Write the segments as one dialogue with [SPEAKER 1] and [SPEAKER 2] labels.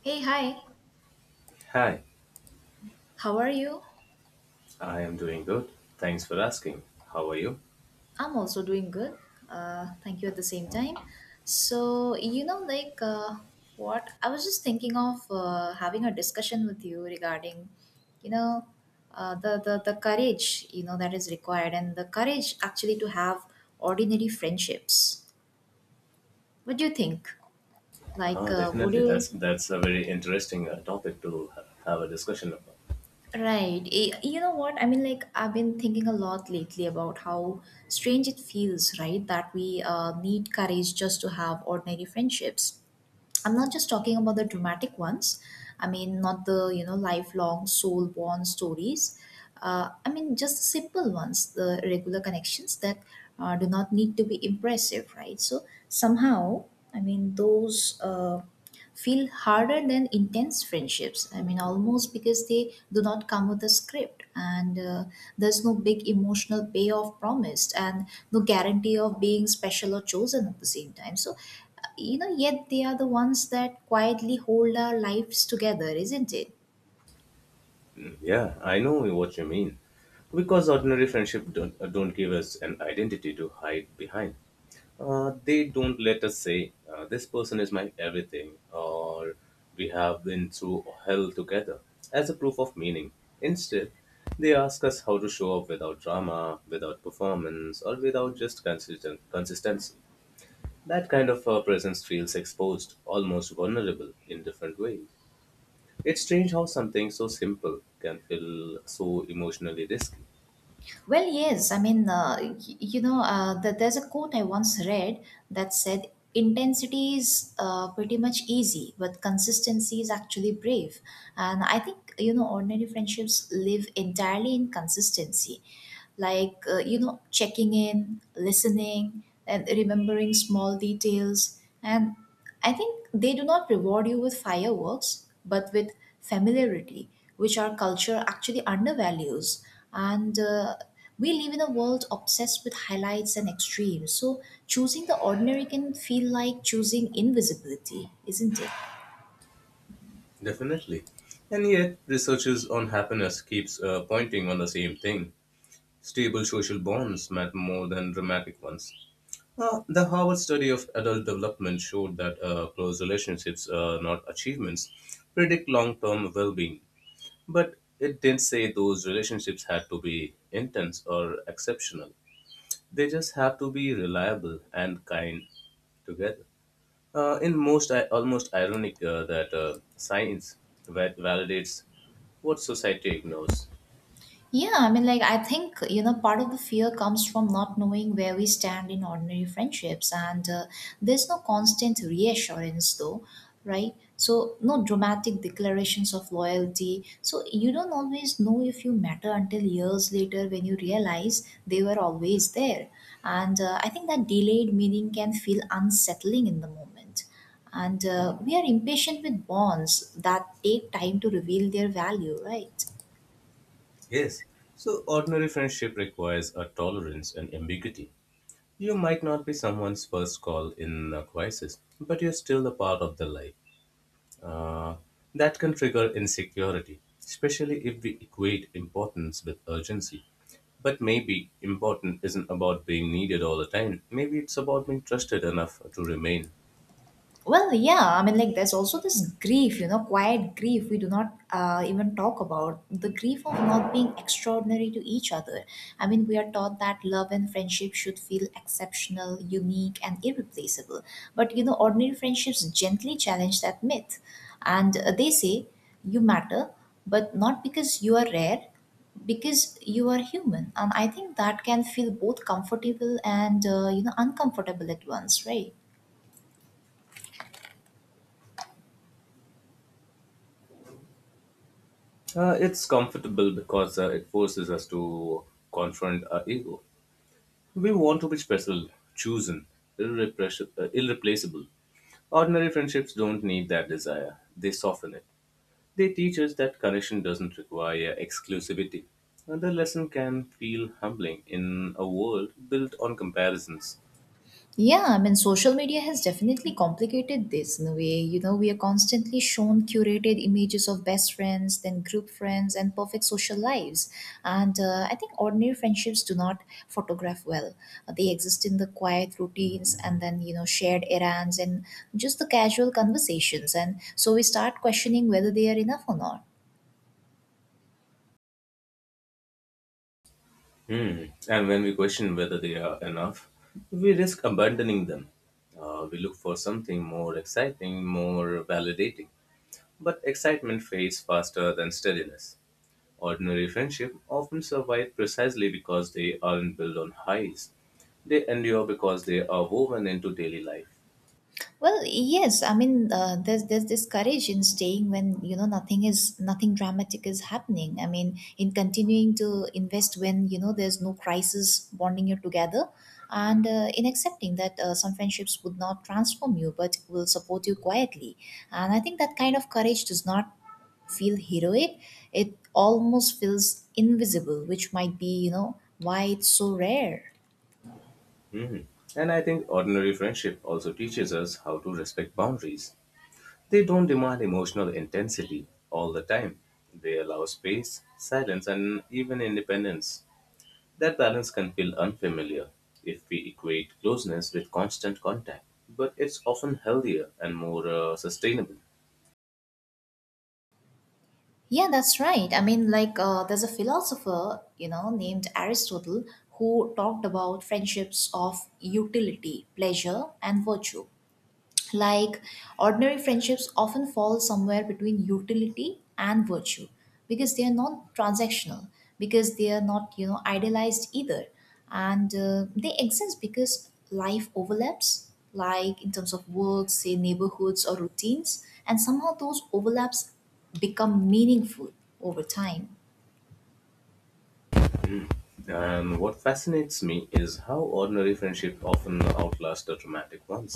[SPEAKER 1] Hey, hi.
[SPEAKER 2] Hi,
[SPEAKER 1] How are you?
[SPEAKER 2] I am doing good. Thanks for asking. How are you?
[SPEAKER 1] I'm also doing good. Thank you at the same time. So what I was just thinking of having a discussion with you regarding, you know, the courage, you know, that is required, and the courage actually to have ordinary friendships. What do you think? Like,
[SPEAKER 2] Ah,
[SPEAKER 1] would
[SPEAKER 2] definitely.
[SPEAKER 1] you—
[SPEAKER 2] That's a very interesting topic to have a discussion about.
[SPEAKER 1] Right. You know what? I mean, like, I've been thinking a lot lately about how strange it feels, right? That we need courage just to have ordinary friendships. I'm not just talking about the dramatic ones. I mean, not the, you know, lifelong soul bond stories. I mean, just the simple ones, the regular connections that do not need to be impressive, right? So, somehow, I mean, those. Feel harder than intense friendships. I mean, almost because they do not come with a script, and there's no big emotional payoff promised, and no guarantee of being special or chosen at the same time. So, you know, yet they are the ones that quietly hold our lives together, isn't it?
[SPEAKER 2] Mm, yeah, I know what you mean. Because ordinary friendship don't give us an identity to hide behind. They don't let us say this person is my everything, or we have been through hell together as a proof of meaning. Instead, they ask us how to show up without drama, without performance, or without just consistent consistency. That kind of presence feels exposed, almost vulnerable in different ways. It's strange how something so simple can feel so emotionally risky.
[SPEAKER 1] Well, yes. I mean, there's a quote I once read that said, intensity is pretty much easy, but consistency is actually brave. And I think, you know, ordinary friendships live entirely in consistency. Like, you know, checking in, listening, and remembering small details. And I think they do not reward you with fireworks, but with familiarity, which our culture actually undervalues. And We live in a world obsessed with highlights and extremes. So choosing the ordinary can feel like choosing invisibility, isn't it?
[SPEAKER 2] Definitely. And yet researchers on happiness keeps pointing on the same thing. Stable social bonds matter more than dramatic ones. The Harvard study of adult development showed that close relationships, not achievements, predict long term well being. But it didn't say those relationships had to be intense or exceptional. They just have to be reliable and kind together. In most, I almost ironic that science validates what society ignores.
[SPEAKER 1] Yeah, I mean, like, I think, you know, part of the fear comes from not knowing where we stand in ordinary friendships. And There's no constant reassurance, though, right? So, no dramatic declarations of loyalty. So, you don't always know if you matter until years later when you realize they were always there. And I think that delayed meaning can feel unsettling in the moment. And We are impatient with bonds that take time to reveal their value, right?
[SPEAKER 2] Yes, so ordinary friendship requires a tolerance and ambiguity. You might not be someone's first call in a crisis, but you're still a part of their life. Uh, that can trigger insecurity, especially if we equate importance with urgency. But maybe important isn't about being needed all the time. Maybe it's about being trusted enough to remain.
[SPEAKER 1] Well, yeah, I mean, like, there's also this grief, you know, quiet grief we do not even talk about. The grief of not being extraordinary to each other. I mean, we are taught that love and friendship should feel exceptional, unique, and irreplaceable. But, you know, ordinary friendships gently challenge that myth. And They say, you matter, but not because you are rare, because you are human. And I think that can feel both comfortable and, you know, uncomfortable at once, right?
[SPEAKER 2] It's comfortable because it forces us to confront our ego. We want to be special, chosen, irreplaceable. Ordinary friendships don't need that desire, they soften it. They teach us that connection doesn't require exclusivity. And the lesson can feel humbling in a world built on comparisons.
[SPEAKER 1] Yeah, I mean, social media has definitely complicated this in a way. You know, we are constantly shown curated images of best friends, then group friends, and perfect social lives. And I think ordinary friendships do not photograph well. They exist in the quiet routines and then, you know, shared errands and just the casual conversations. And so we start questioning whether they are enough or not.
[SPEAKER 2] Hmm. And when we question whether they are enough, we risk abandoning them. We look for something more exciting, more validating. But excitement fades faster than steadiness. Ordinary friendships often survive precisely because they aren't built on highs. They endure because they are woven into daily life.
[SPEAKER 1] Well, yes. I mean, there's this courage in staying when you know nothing dramatic is happening. I mean, in continuing to invest when you know there's no crisis bonding you together, and in accepting that some friendships would not transform you but will support you quietly. And I think that kind of courage does not feel heroic. It almost feels invisible, which might be, you know, why it's so rare.
[SPEAKER 2] Hmm. And I think ordinary friendship also teaches us how to respect boundaries. They don't demand emotional intensity all the time. They allow space, silence, and even independence. That balance can feel unfamiliar if we equate closeness with constant contact, but it's often healthier and more sustainable.
[SPEAKER 1] Yeah, that's right. I mean, like, there's a philosopher, you know, named Aristotle, who talked about friendships of utility, pleasure, and virtue, like ordinary friendships often fall somewhere between utility and virtue, because they are not transactional, because they are not, you know, idealized either. And They exist because life overlaps, like in terms of work, say neighborhoods or routines, and somehow those overlaps become meaningful over time.
[SPEAKER 2] And what fascinates me is how ordinary friendships often outlast the dramatic ones.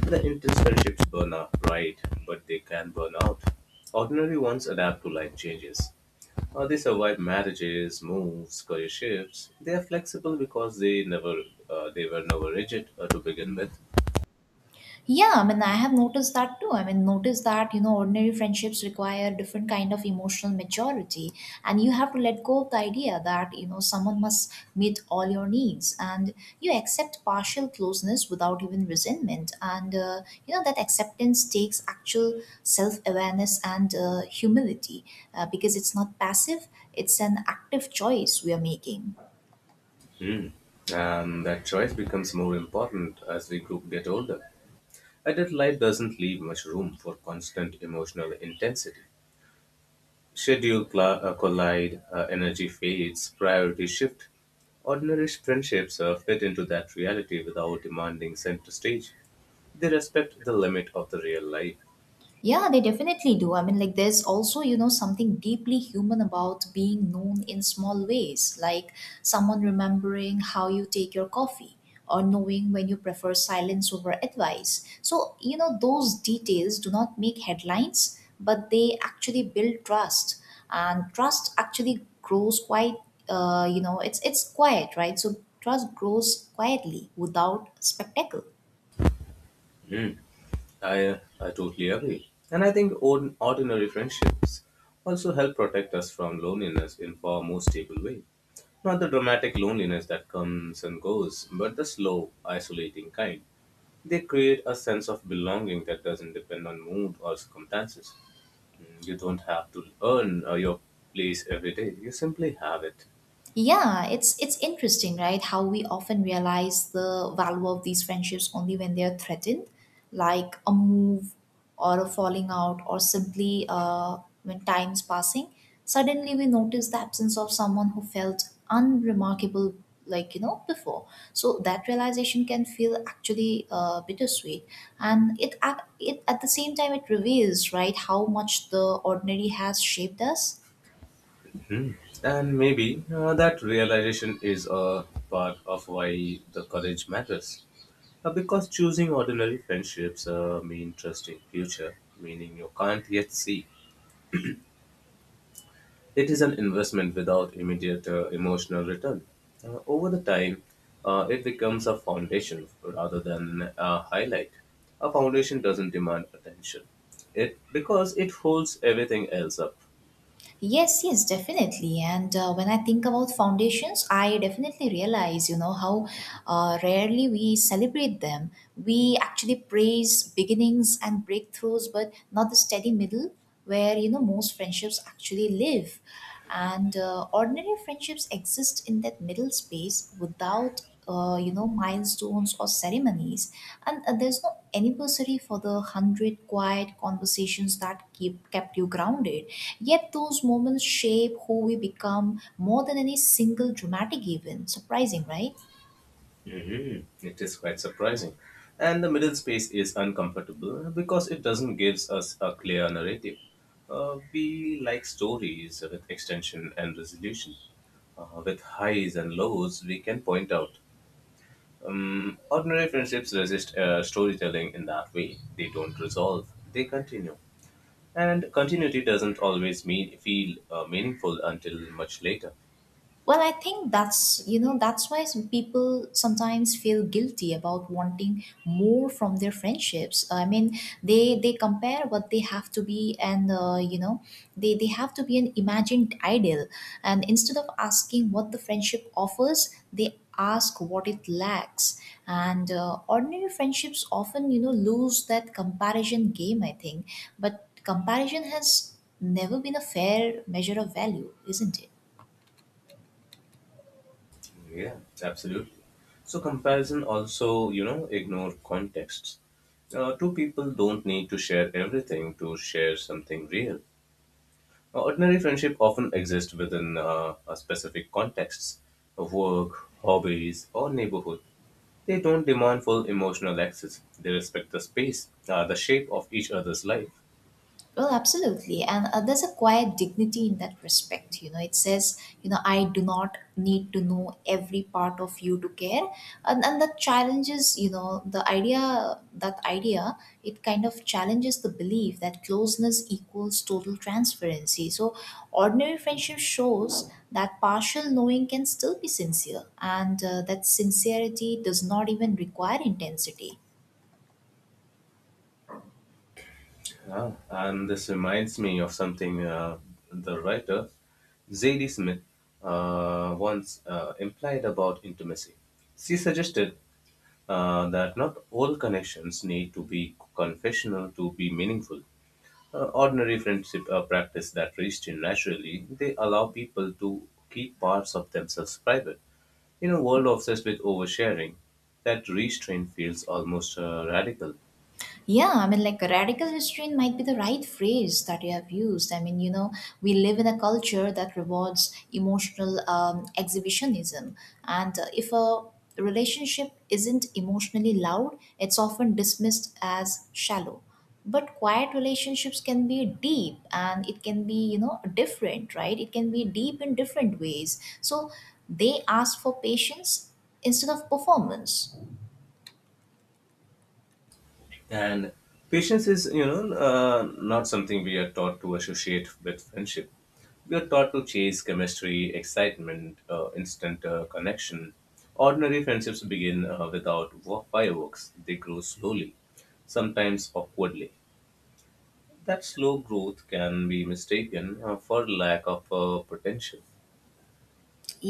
[SPEAKER 2] The intense friendships burn out, right, but they can burn out. Ordinary ones adapt to life changes. They survive marriages, moves, career shifts. They are flexible because they never, they were never rigid to begin with.
[SPEAKER 1] Yeah, I mean, I have noticed that too. I mean, notice that, you know, ordinary friendships require different kind of emotional maturity. And you have to let go of the idea that, you know, someone must meet all your needs. And you accept partial closeness without even resentment. And, you know, that acceptance takes actual self awareness and humility, because it's not passive, it's an active choice we are making.
[SPEAKER 2] Hmm. And that choice becomes more important as we get older. Adult life doesn't leave much room for constant emotional intensity. Collide, energy fades, priority shift. Ordinary friendships fit into that reality without demanding center stage. They respect the limit of the real life.
[SPEAKER 1] Yeah, they definitely do. I mean, like, there's also, you know, something deeply human about being known in small ways, like someone remembering how you take your coffee or knowing when you prefer silence over advice. So, you know, those details do not make headlines, but they actually build trust. And trust actually grows quite, you know, it's quiet, right? So, trust grows quietly without spectacle.
[SPEAKER 2] I totally agree. And I think ordinary friendships also help protect us from loneliness in far more stable way. Not the dramatic loneliness that comes and goes, but the slow, isolating kind. They create a sense of belonging that doesn't depend on mood or circumstances. You don't have to earn your place every day. You simply have it.
[SPEAKER 1] Yeah, it's interesting, right? How we often realize the value of these friendships only when they are threatened, like a move or a falling out, or simply when time's passing. Suddenly, we notice the absence of someone who felt unremarkable, like, you know, before. So that realization can feel actually bittersweet, and it at the same time it reveals, right, how much the ordinary has shaped us.
[SPEAKER 2] Mhm. And maybe that realization is a part of why the courage matters. Because choosing ordinary friendships mean trusting future, meaning you can't yet see. It is an investment without immediate emotional return. Over the time, it becomes a foundation rather than a highlight. A foundation doesn't demand attention, it because it holds everything else up.
[SPEAKER 1] Yes, yes, definitely. And When I think about foundations, I definitely realize, you know, how rarely we celebrate them. We actually praise beginnings and breakthroughs, but not the steady middle, where, you know, most friendships actually live. And Ordinary friendships exist in that middle space without you know, milestones or ceremonies, and there's no anniversary for the 100 quiet conversations that keep kept you grounded, yet those moments shape who we become more than any single dramatic event. Surprising, right?
[SPEAKER 2] Mhm. It is quite surprising, and the middle space is uncomfortable because it doesn't gives us a clear narrative. We like stories with extension and resolution. With highs and lows, we can point out. Mm, ordinary friendships resist storytelling in that way. They don't resolve, they continue. And continuity doesn't always mean, feel meaningful until much later.
[SPEAKER 1] Well, I think that's, you know, that's why some people sometimes feel guilty about wanting more from their friendships. I mean, they compare what they have to be and you know, they have to be an imagined ideal, and instead of asking what the friendship offers, they ask what it lacks. And Ordinary friendships often, you know, lose that comparison game, I think. But comparison has never been a fair measure of value, isn't it?
[SPEAKER 2] Yeah, absolutely. So, comparison also, you know, ignore contexts. Two people don't need to share everything to share something real. Ordinary friendship often exists within a specific contexts of work, hobbies, or neighborhood. They don't demand full emotional access. They respect the space, the shape of each other's life.
[SPEAKER 1] Well, absolutely. And There's a quiet dignity in that respect. You know, it says, you know, I do not need to know every part of you to care. And that challenges, you know, that idea, it kind of challenges the belief that closeness equals total transparency. So, ordinary friendship shows that partial knowing can still be sincere and that sincerity does not even require intensity.
[SPEAKER 2] Yeah, and this reminds me of something the writer Zadie Smith once implied about intimacy. She suggested that not all connections need to be confessional to be meaningful. Ordinary friendship practice that reached in naturally, they allow people to keep parts of themselves private. In a world obsessed with oversharing, that restraint feels almost radical.
[SPEAKER 1] Yeah, I mean, like, radical restraint might be the right phrase that you have used. I mean, you know, we live in a culture that rewards emotional exhibitionism. And If a relationship isn't emotionally loud, it's often dismissed as shallow. But quiet relationships can be deep and it can be, you know, different, right? It can be deep in different ways. So they ask for patience instead of performance.
[SPEAKER 2] And patience is, you know, not something we are taught to associate with friendship. We are taught to chase chemistry, excitement, instant connection. Ordinary friendships begin without fireworks, they grow slowly, sometimes awkwardly. That slow growth can be mistaken for lack of potential.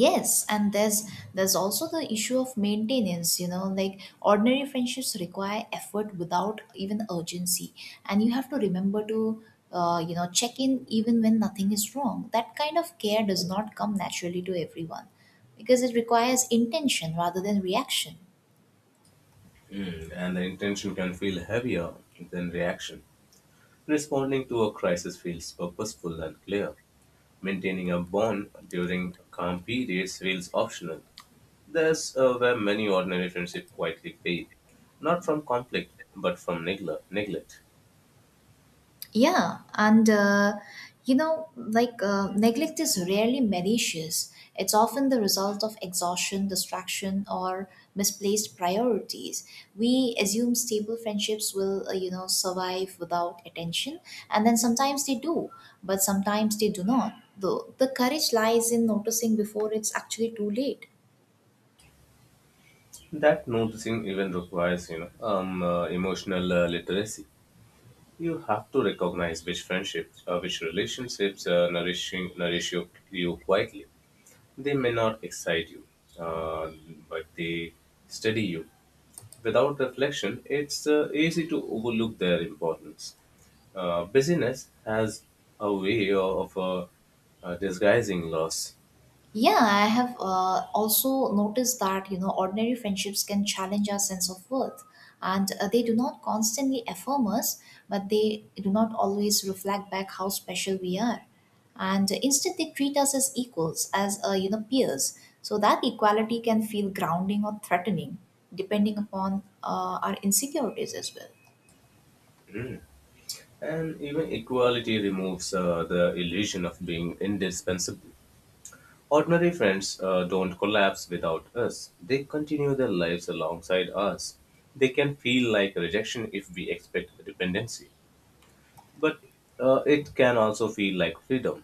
[SPEAKER 1] Yes, and there's also the issue of maintenance, you know, like ordinary friendships require effort without even urgency, and you have to remember to, you know, check in even when nothing is wrong. That kind of care does not come naturally to everyone, because it requires intention rather than reaction.
[SPEAKER 2] Mm, and the intention can feel heavier than reaction. Responding to a crisis feels purposeful and clear. Maintaining a bond during calm periods feels optional. There's where many ordinary friendships quietly fade, not from conflict, but from neglect.
[SPEAKER 1] Yeah, and you know, like neglect is rarely malicious. It's often the result of exhaustion, distraction, or misplaced priorities. We assume stable friendships will, you know, survive without attention, and then sometimes they do, but sometimes they do not. Though the courage lies in noticing before it's actually too late.
[SPEAKER 2] That noticing even requires, you know, emotional literacy. You have to recognize which friendships, which relationships nourish you quietly. They may not excite you, uh, but they steady you. Without reflection, it's easy to overlook their importance. Busyness has a way of disguising loss,
[SPEAKER 1] Yeah, I have also noticed that, you know, ordinary friendships can challenge our sense of worth, and they do not constantly affirm us, but they do not always reflect back how special we are. And instead, they treat us as equals, as, you know, peers. So that equality can feel grounding or threatening, depending upon our insecurities as well.
[SPEAKER 2] and even equality removes the illusion of being indispensable. Ordinary friends don't collapse without us, they continue their lives alongside us. They can feel like rejection if we expect dependency, but it can also feel like freedom.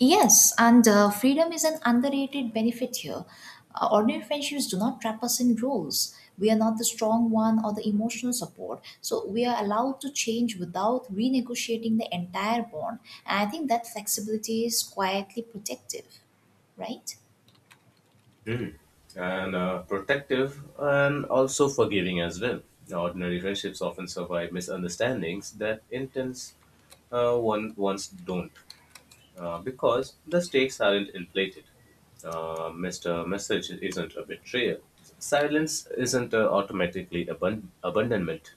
[SPEAKER 1] Yes, and freedom is an underrated benefit here. Ordinary friendships do not trap us in roles. We are not the strong one or the emotional support. So we are allowed to change without renegotiating the entire bond. And I think that flexibility is quietly protective, right?
[SPEAKER 2] Mm. And protective and also forgiving as well. Ordinary friendships often survive misunderstandings that intense ones don't because the stakes aren't inflated. Mr. Message isn't a betrayal. Silence isn't automatically abandonment.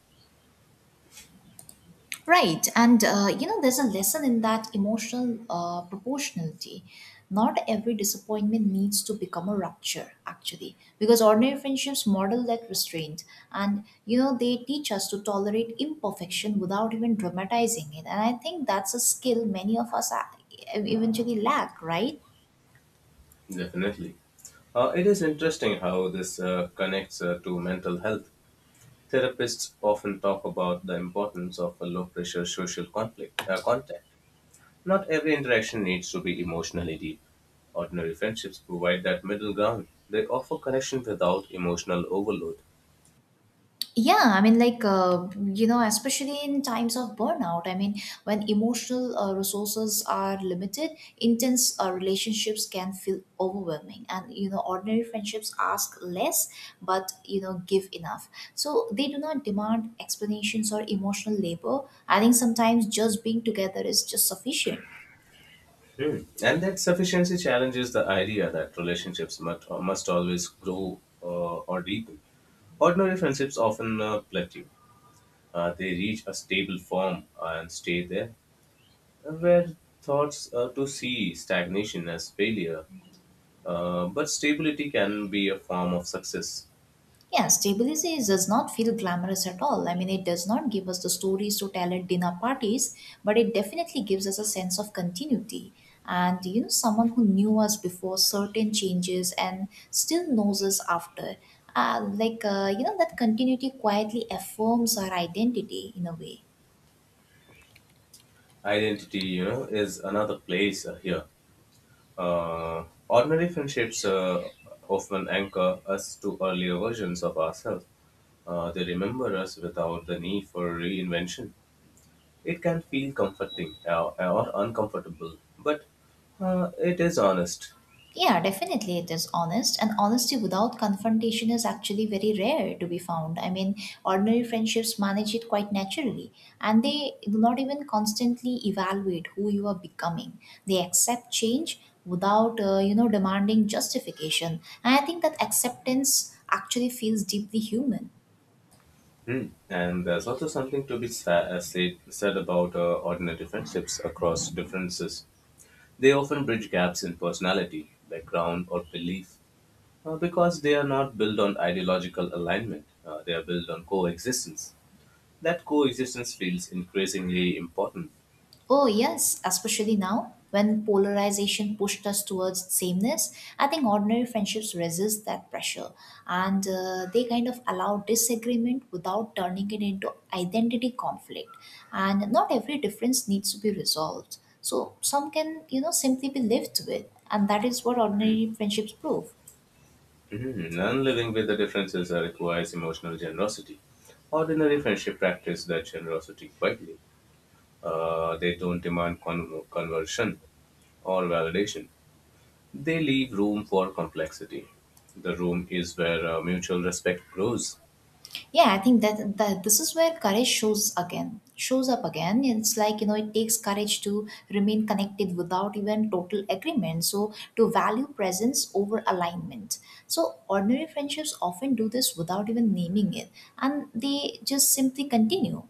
[SPEAKER 1] Right, and you know, there's a lesson in that emotional proportionality. Not every disappointment needs to become a rupture, actually, because ordinary friendships model that restraint, and you know, they teach us to tolerate imperfection without even dramatizing it. And I think that's a skill many of us eventually lack, right?
[SPEAKER 2] Definitely. It is interesting how this connects to mental health. Therapists often talk about the importance of a low pressure social conflict contact. Not every interaction needs to be emotionally deep. Ordinary friendships provide that middle ground. They offer connection without emotional overload.
[SPEAKER 1] yeah i mean like uh, you know, especially in times of burnout, when emotional resources are limited, intense relationships can feel overwhelming, and you know, ordinary friendships ask less but you know give enough, so they do not demand explanations or emotional labor. I think sometimes just being together is just sufficient.
[SPEAKER 2] Hmm. And that sufficiency challenges the idea that relationships must always grow or deepen. Ordinary friendships often plateau. They reach a stable form and stay there, where thoughts to see stagnation as failure, but stability can be a form of success.
[SPEAKER 1] Yeah, stability does not feel glamorous at all. I mean, it does not give us the stories to tell at dinner parties, but it definitely gives us a sense of continuity. And, you know, someone who knew us before certain changes and still knows us after. You know, that continuity quietly affirms our identity in a way.
[SPEAKER 2] Identity, you know, is another place here, ordinary friendships often anchor us to earlier versions of ourselves. They remember us without the need for reinvention. It can feel comforting or uncomfortable, but it is honest.
[SPEAKER 1] Yeah, definitely it is honest. And honesty without confrontation is actually very rare to be found. I mean, ordinary friendships manage it quite naturally. And they do not even constantly evaluate who you are becoming. They accept change without, you know, demanding justification. And I think that acceptance actually feels deeply human.
[SPEAKER 2] Hmm. And there's also something to be said about ordinary friendships across differences. They often bridge gaps in personality background or belief. Because they are not built on ideological alignment, they are built on coexistence. That coexistence feels increasingly important.
[SPEAKER 1] Oh, yes, especially now when polarization pushed us towards sameness. I think ordinary friendships resist that pressure, and they kind of allow disagreement without turning it into identity conflict. And not every difference needs to be resolved. So some can, you know, simply be lived with. And that is what ordinary friendships prove.
[SPEAKER 2] Mhm. And living with the differences requires emotional generosity. Ordinary friendship practice that generosity quietly. They don't demand conversion or validation. They leave room for complexity. The room is where mutual respect grows.
[SPEAKER 1] Yeah, I think that this is where courage shows up again. It's like, you know, it takes courage to remain connected without even total agreement, so to value presence over alignment. So ordinary friendships often do this without even naming it, and they just simply continue.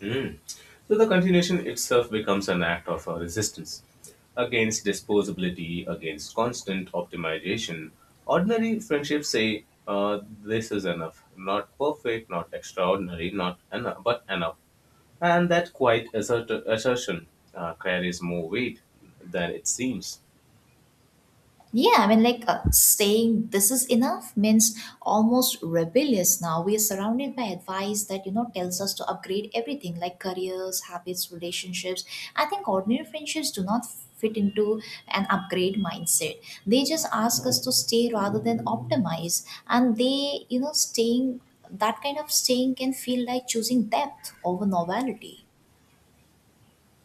[SPEAKER 2] Mm. So the continuation itself becomes an act of resistance against disposability, against constant optimization. Ordinary friendships say, "This is enough. Not perfect, not extraordinary, not enough, but enough." And that quiet assertion carries more weight than it seems.
[SPEAKER 1] Yeah, I mean, saying this is enough means almost rebellious now. We are surrounded by advice that, you know, tells us to upgrade everything like careers, habits, relationships. I think ordinary friendships do not fit into an upgrade mindset. They just ask us to stay rather than optimize. And they, you know, staying, that kind of staying can feel like choosing depth over novelty.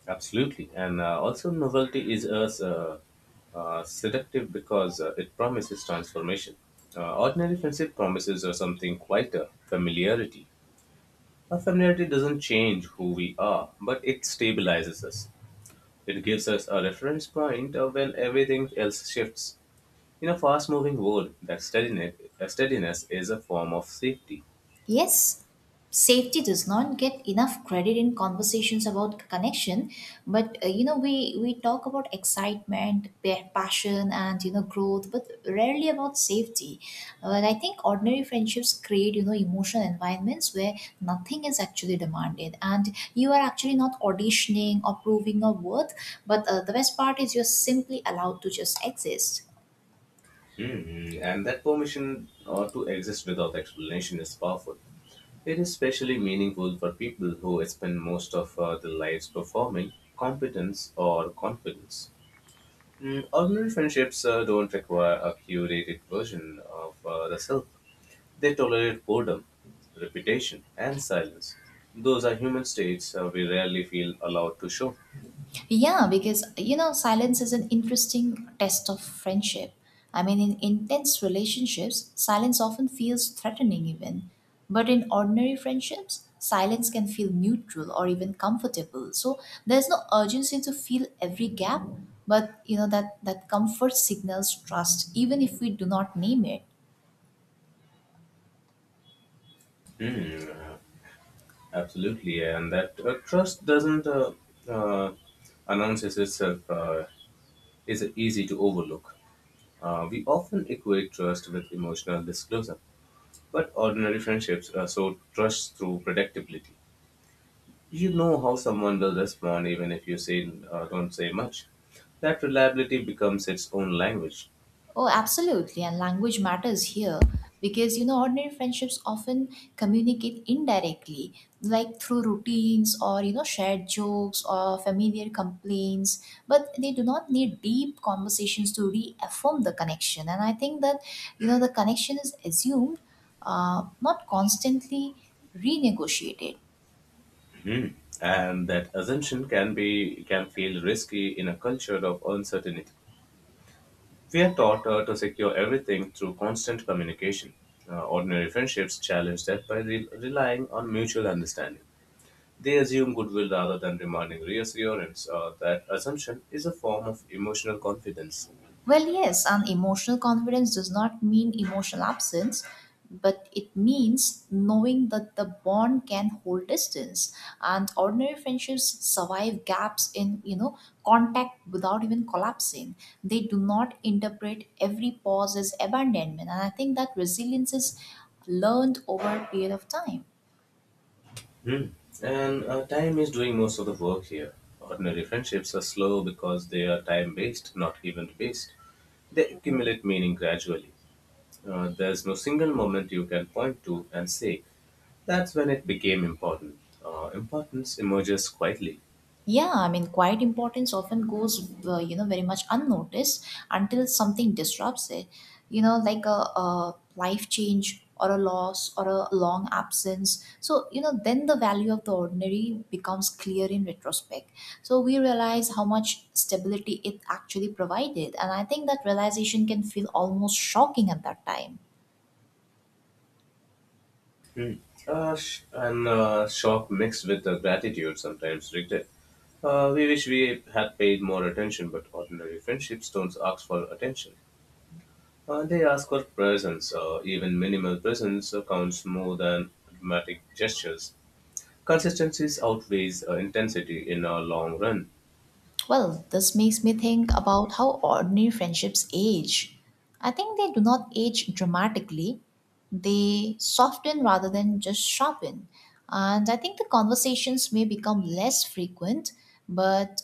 [SPEAKER 2] Absolutely. And also, novelty is as seductive because it promises transformation. Ordinary friendship promises or something quieter familiarity. A familiarity doesn't change who we are, but it stabilizes us. It gives us a reference point when everything else shifts. In a fast moving world, that steadiness, steadiness is a form of safety.
[SPEAKER 1] Yes, safety does not get enough credit in conversations about connection, but you know, we talk about excitement, passion, and you know, growth, but rarely about safety. But I think ordinary friendships create, you know, emotional environments where nothing is actually demanded, and you are actually not auditioning or proving your worth. But the best part is you're simply allowed to just exist.
[SPEAKER 2] Mhm. And that permission to exist without explanation is powerful. It is especially meaningful for people who spend most of their lives performing competence or confidence. Mm, ordinary friendships don't require a curated version of the self. They tolerate boredom, repetition, and silence. Those are human states we rarely feel allowed to show.
[SPEAKER 1] Yeah, because you know, silence is an interesting test of friendship. I mean, in intense relationships, silence often feels threatening, even. But in ordinary friendships, silence can feel neutral or even comfortable. So there's no urgency to fill every gap, but you know, that comfort signals trust, even if we do not name it.
[SPEAKER 2] Absolutely, and that trust doesn't uh, announces itself is easy to overlook. We often equate trust with emotional disclosure, but ordinary friendships are so trust through predictability. You know how someone will respond even if you say don't say much. That reliability becomes its own language.
[SPEAKER 1] Oh, absolutely. And language matters here because, you know, ordinary friendships often communicate indirectly, like through routines or, you know, shared jokes or familiar complaints. But they do not need deep conversations to reaffirm the connection. And I think that, you know, the connection is assumed, not constantly renegotiated.
[SPEAKER 2] Hmm. And that assumption can feel risky in a culture of uncertainty. We are taught to secure everything through constant communication. Ordinary friendships challenge that by relying on mutual understanding. They assume goodwill rather than demanding reassurance. That assumption is a form of emotional confidence.
[SPEAKER 1] Well, yes, and emotional confidence does not mean emotional absence, but it means knowing that the bond can hold distance. And ordinary friendships survive gaps in, you know, contact without even collapsing. They do not interpret every pause as abandonment. And I think that resilience is learned over a period of time.
[SPEAKER 2] Hmm. And time is doing most of the work here. Ordinary friendships are slow because they are time based, not event based. They accumulate meaning gradually. There's no single moment you can point to and say, that's when it became important. Importance emerges quietly.
[SPEAKER 1] Yeah, I mean, quiet importance often goes you know, very much unnoticed until something disrupts it, you know, like a life change or a loss or a long absence. So you know, then the value of the ordinary becomes clear in retrospect, so we realize how much stability it actually provided. And I think that realization can feel almost shocking at that time.
[SPEAKER 2] Hmm. Sh- and Shock mixed with gratitude, sometimes regret. We wish we had paid more attention, but ordinary friendships don't ask for attention. They ask for presence, even minimal presence counts more than dramatic gestures. Consistency outweighs intensity in a long run,
[SPEAKER 1] Well, this makes me think about how ordinary friendships age. I think they do not age dramatically, they soften rather than just sharpen. And I think the conversations may become less frequent, but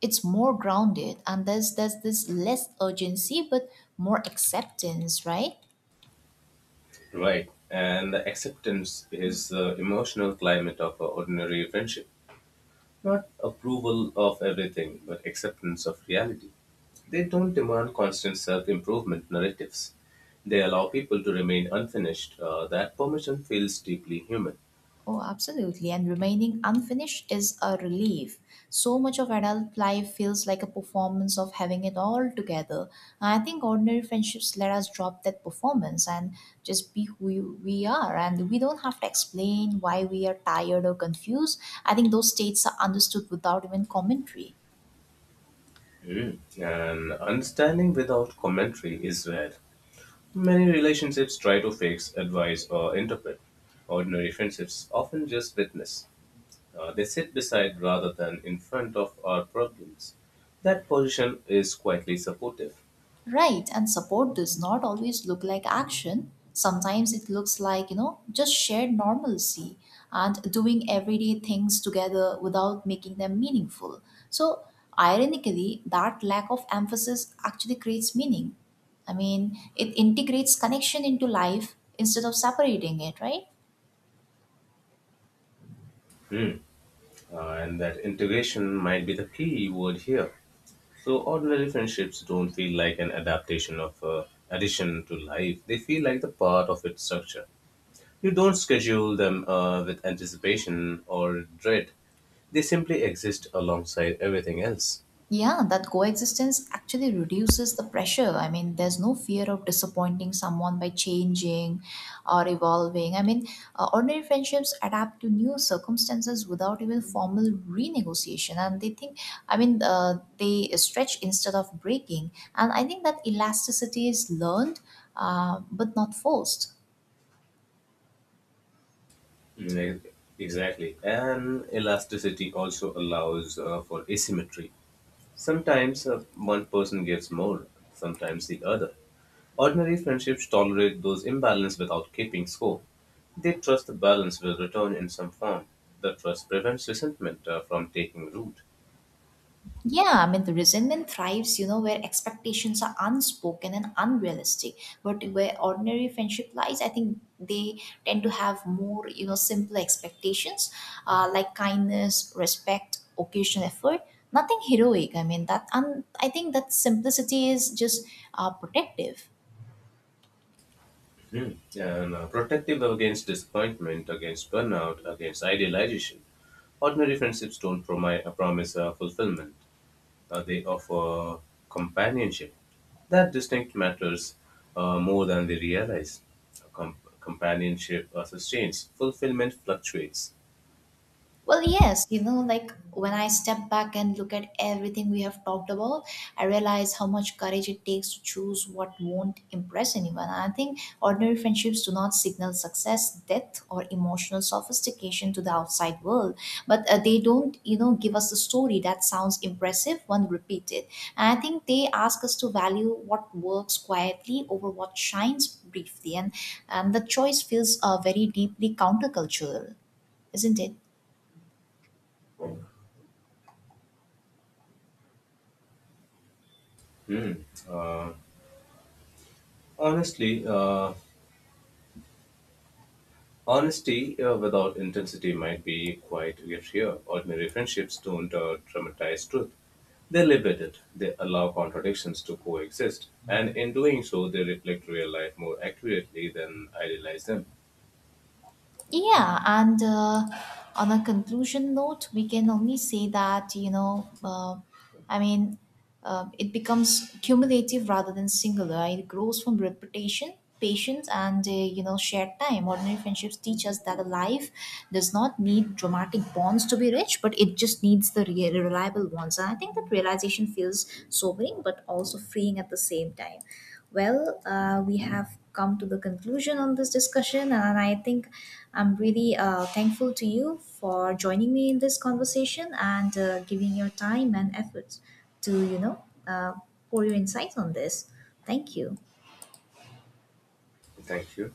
[SPEAKER 1] it's more grounded, and there's this less urgency but more acceptance, right?
[SPEAKER 2] right? And the acceptance is the emotional climate of ordinary friendship. Not approval of everything, but acceptance of reality. They don't demand constant self improvement narratives. They allow people to remain unfinished. That permission feels deeply human.
[SPEAKER 1] Oh, absolutely. And remaining unfinished is a relief. So much of adult life feels like a performance of having it all together. I think ordinary friendships let us drop that performance and just be we are. And we don't have to explain why we are tired or confused. I think those states are understood without even commentary.
[SPEAKER 2] Mm. And understanding without commentary is rare. Many relationships try to fix, advise, or interpret. Ordinary friendships often just witness. They sit beside rather than in front of our problems. That position is quietly supportive.
[SPEAKER 1] Right, and support does not always look like action. Sometimes it looks like, you know, just shared normalcy and doing everyday things together without making them meaningful. So, ironically, that lack of emphasis actually creates meaning. I mean, it integrates connection into life instead of separating it, right?
[SPEAKER 2] Hmm. And that integration might be the key word here. So, ordinary friendships don't feel like an adaptation of addition to life, they feel like the part of its structure. You don't schedule them with anticipation or dread, they simply exist alongside everything else.
[SPEAKER 1] Yeah, that coexistence actually reduces the pressure. I mean, there's no fear of disappointing someone by changing or evolving. I mean, ordinary friendships adapt to new circumstances without even formal renegotiation. And they think, I mean, they stretch instead of breaking. And I think that elasticity is learned, but not forced.
[SPEAKER 2] Ne- Exactly. And elasticity also allows for asymmetry. Sometimes one person gives more, sometimes the other. Ordinary friendships tolerate those imbalance without keeping score. They trust the balance will return in some form. The trust prevents resentment from taking root.
[SPEAKER 1] Yeah, I mean, the resentment thrives, you know, where expectations are unspoken and unrealistic. But where ordinary friendship lies, I think they tend to have more, you know, simple expectations, like kindness, respect, occasional effort, nothing heroic. I mean, that, and I think that simplicity is just protective.
[SPEAKER 2] Hmm. And protective against disappointment, against burnout, against idealization. Ordinary friendships don't promise fulfillment. They offer companionship. That distinct matters more than they realize. Companionship sustains, fulfillment fluctuates.
[SPEAKER 1] Well, yes, you know, like when I step back and look at everything we have talked about, I realize how much courage it takes to choose what won't impress anyone. I think ordinary friendships do not signal success, depth, or emotional sophistication to the outside world, but they don't, you know, give us a story that sounds impressive when repeated. And I think they ask us to value what works quietly over what shines briefly, and the choice feels very deeply countercultural, isn't it?
[SPEAKER 2] Hmm. Honestly, honesty without intensity might be quite a gift here. Ordinary friendships don't dramatize truth. They live with it. They allow contradictions to coexist. And in doing so, they reflect real life more accurately than idealize them.
[SPEAKER 1] Yeah, and on a conclusion note, we can only say that, you know, I mean, it becomes cumulative rather than singular. It grows from reputation, patience, and, you know, shared time. Ordinary friendships teach us that a life does not need dramatic bonds to be rich, but it just needs the reliable ones. And I think that realization feels sobering, but also freeing at the same time. Well, we have come to the conclusion on this discussion, and I think I'm really thankful to you for joining me in this conversation and giving your time and efforts to, you know, pour your insights on this. Thank you.
[SPEAKER 2] Thank you.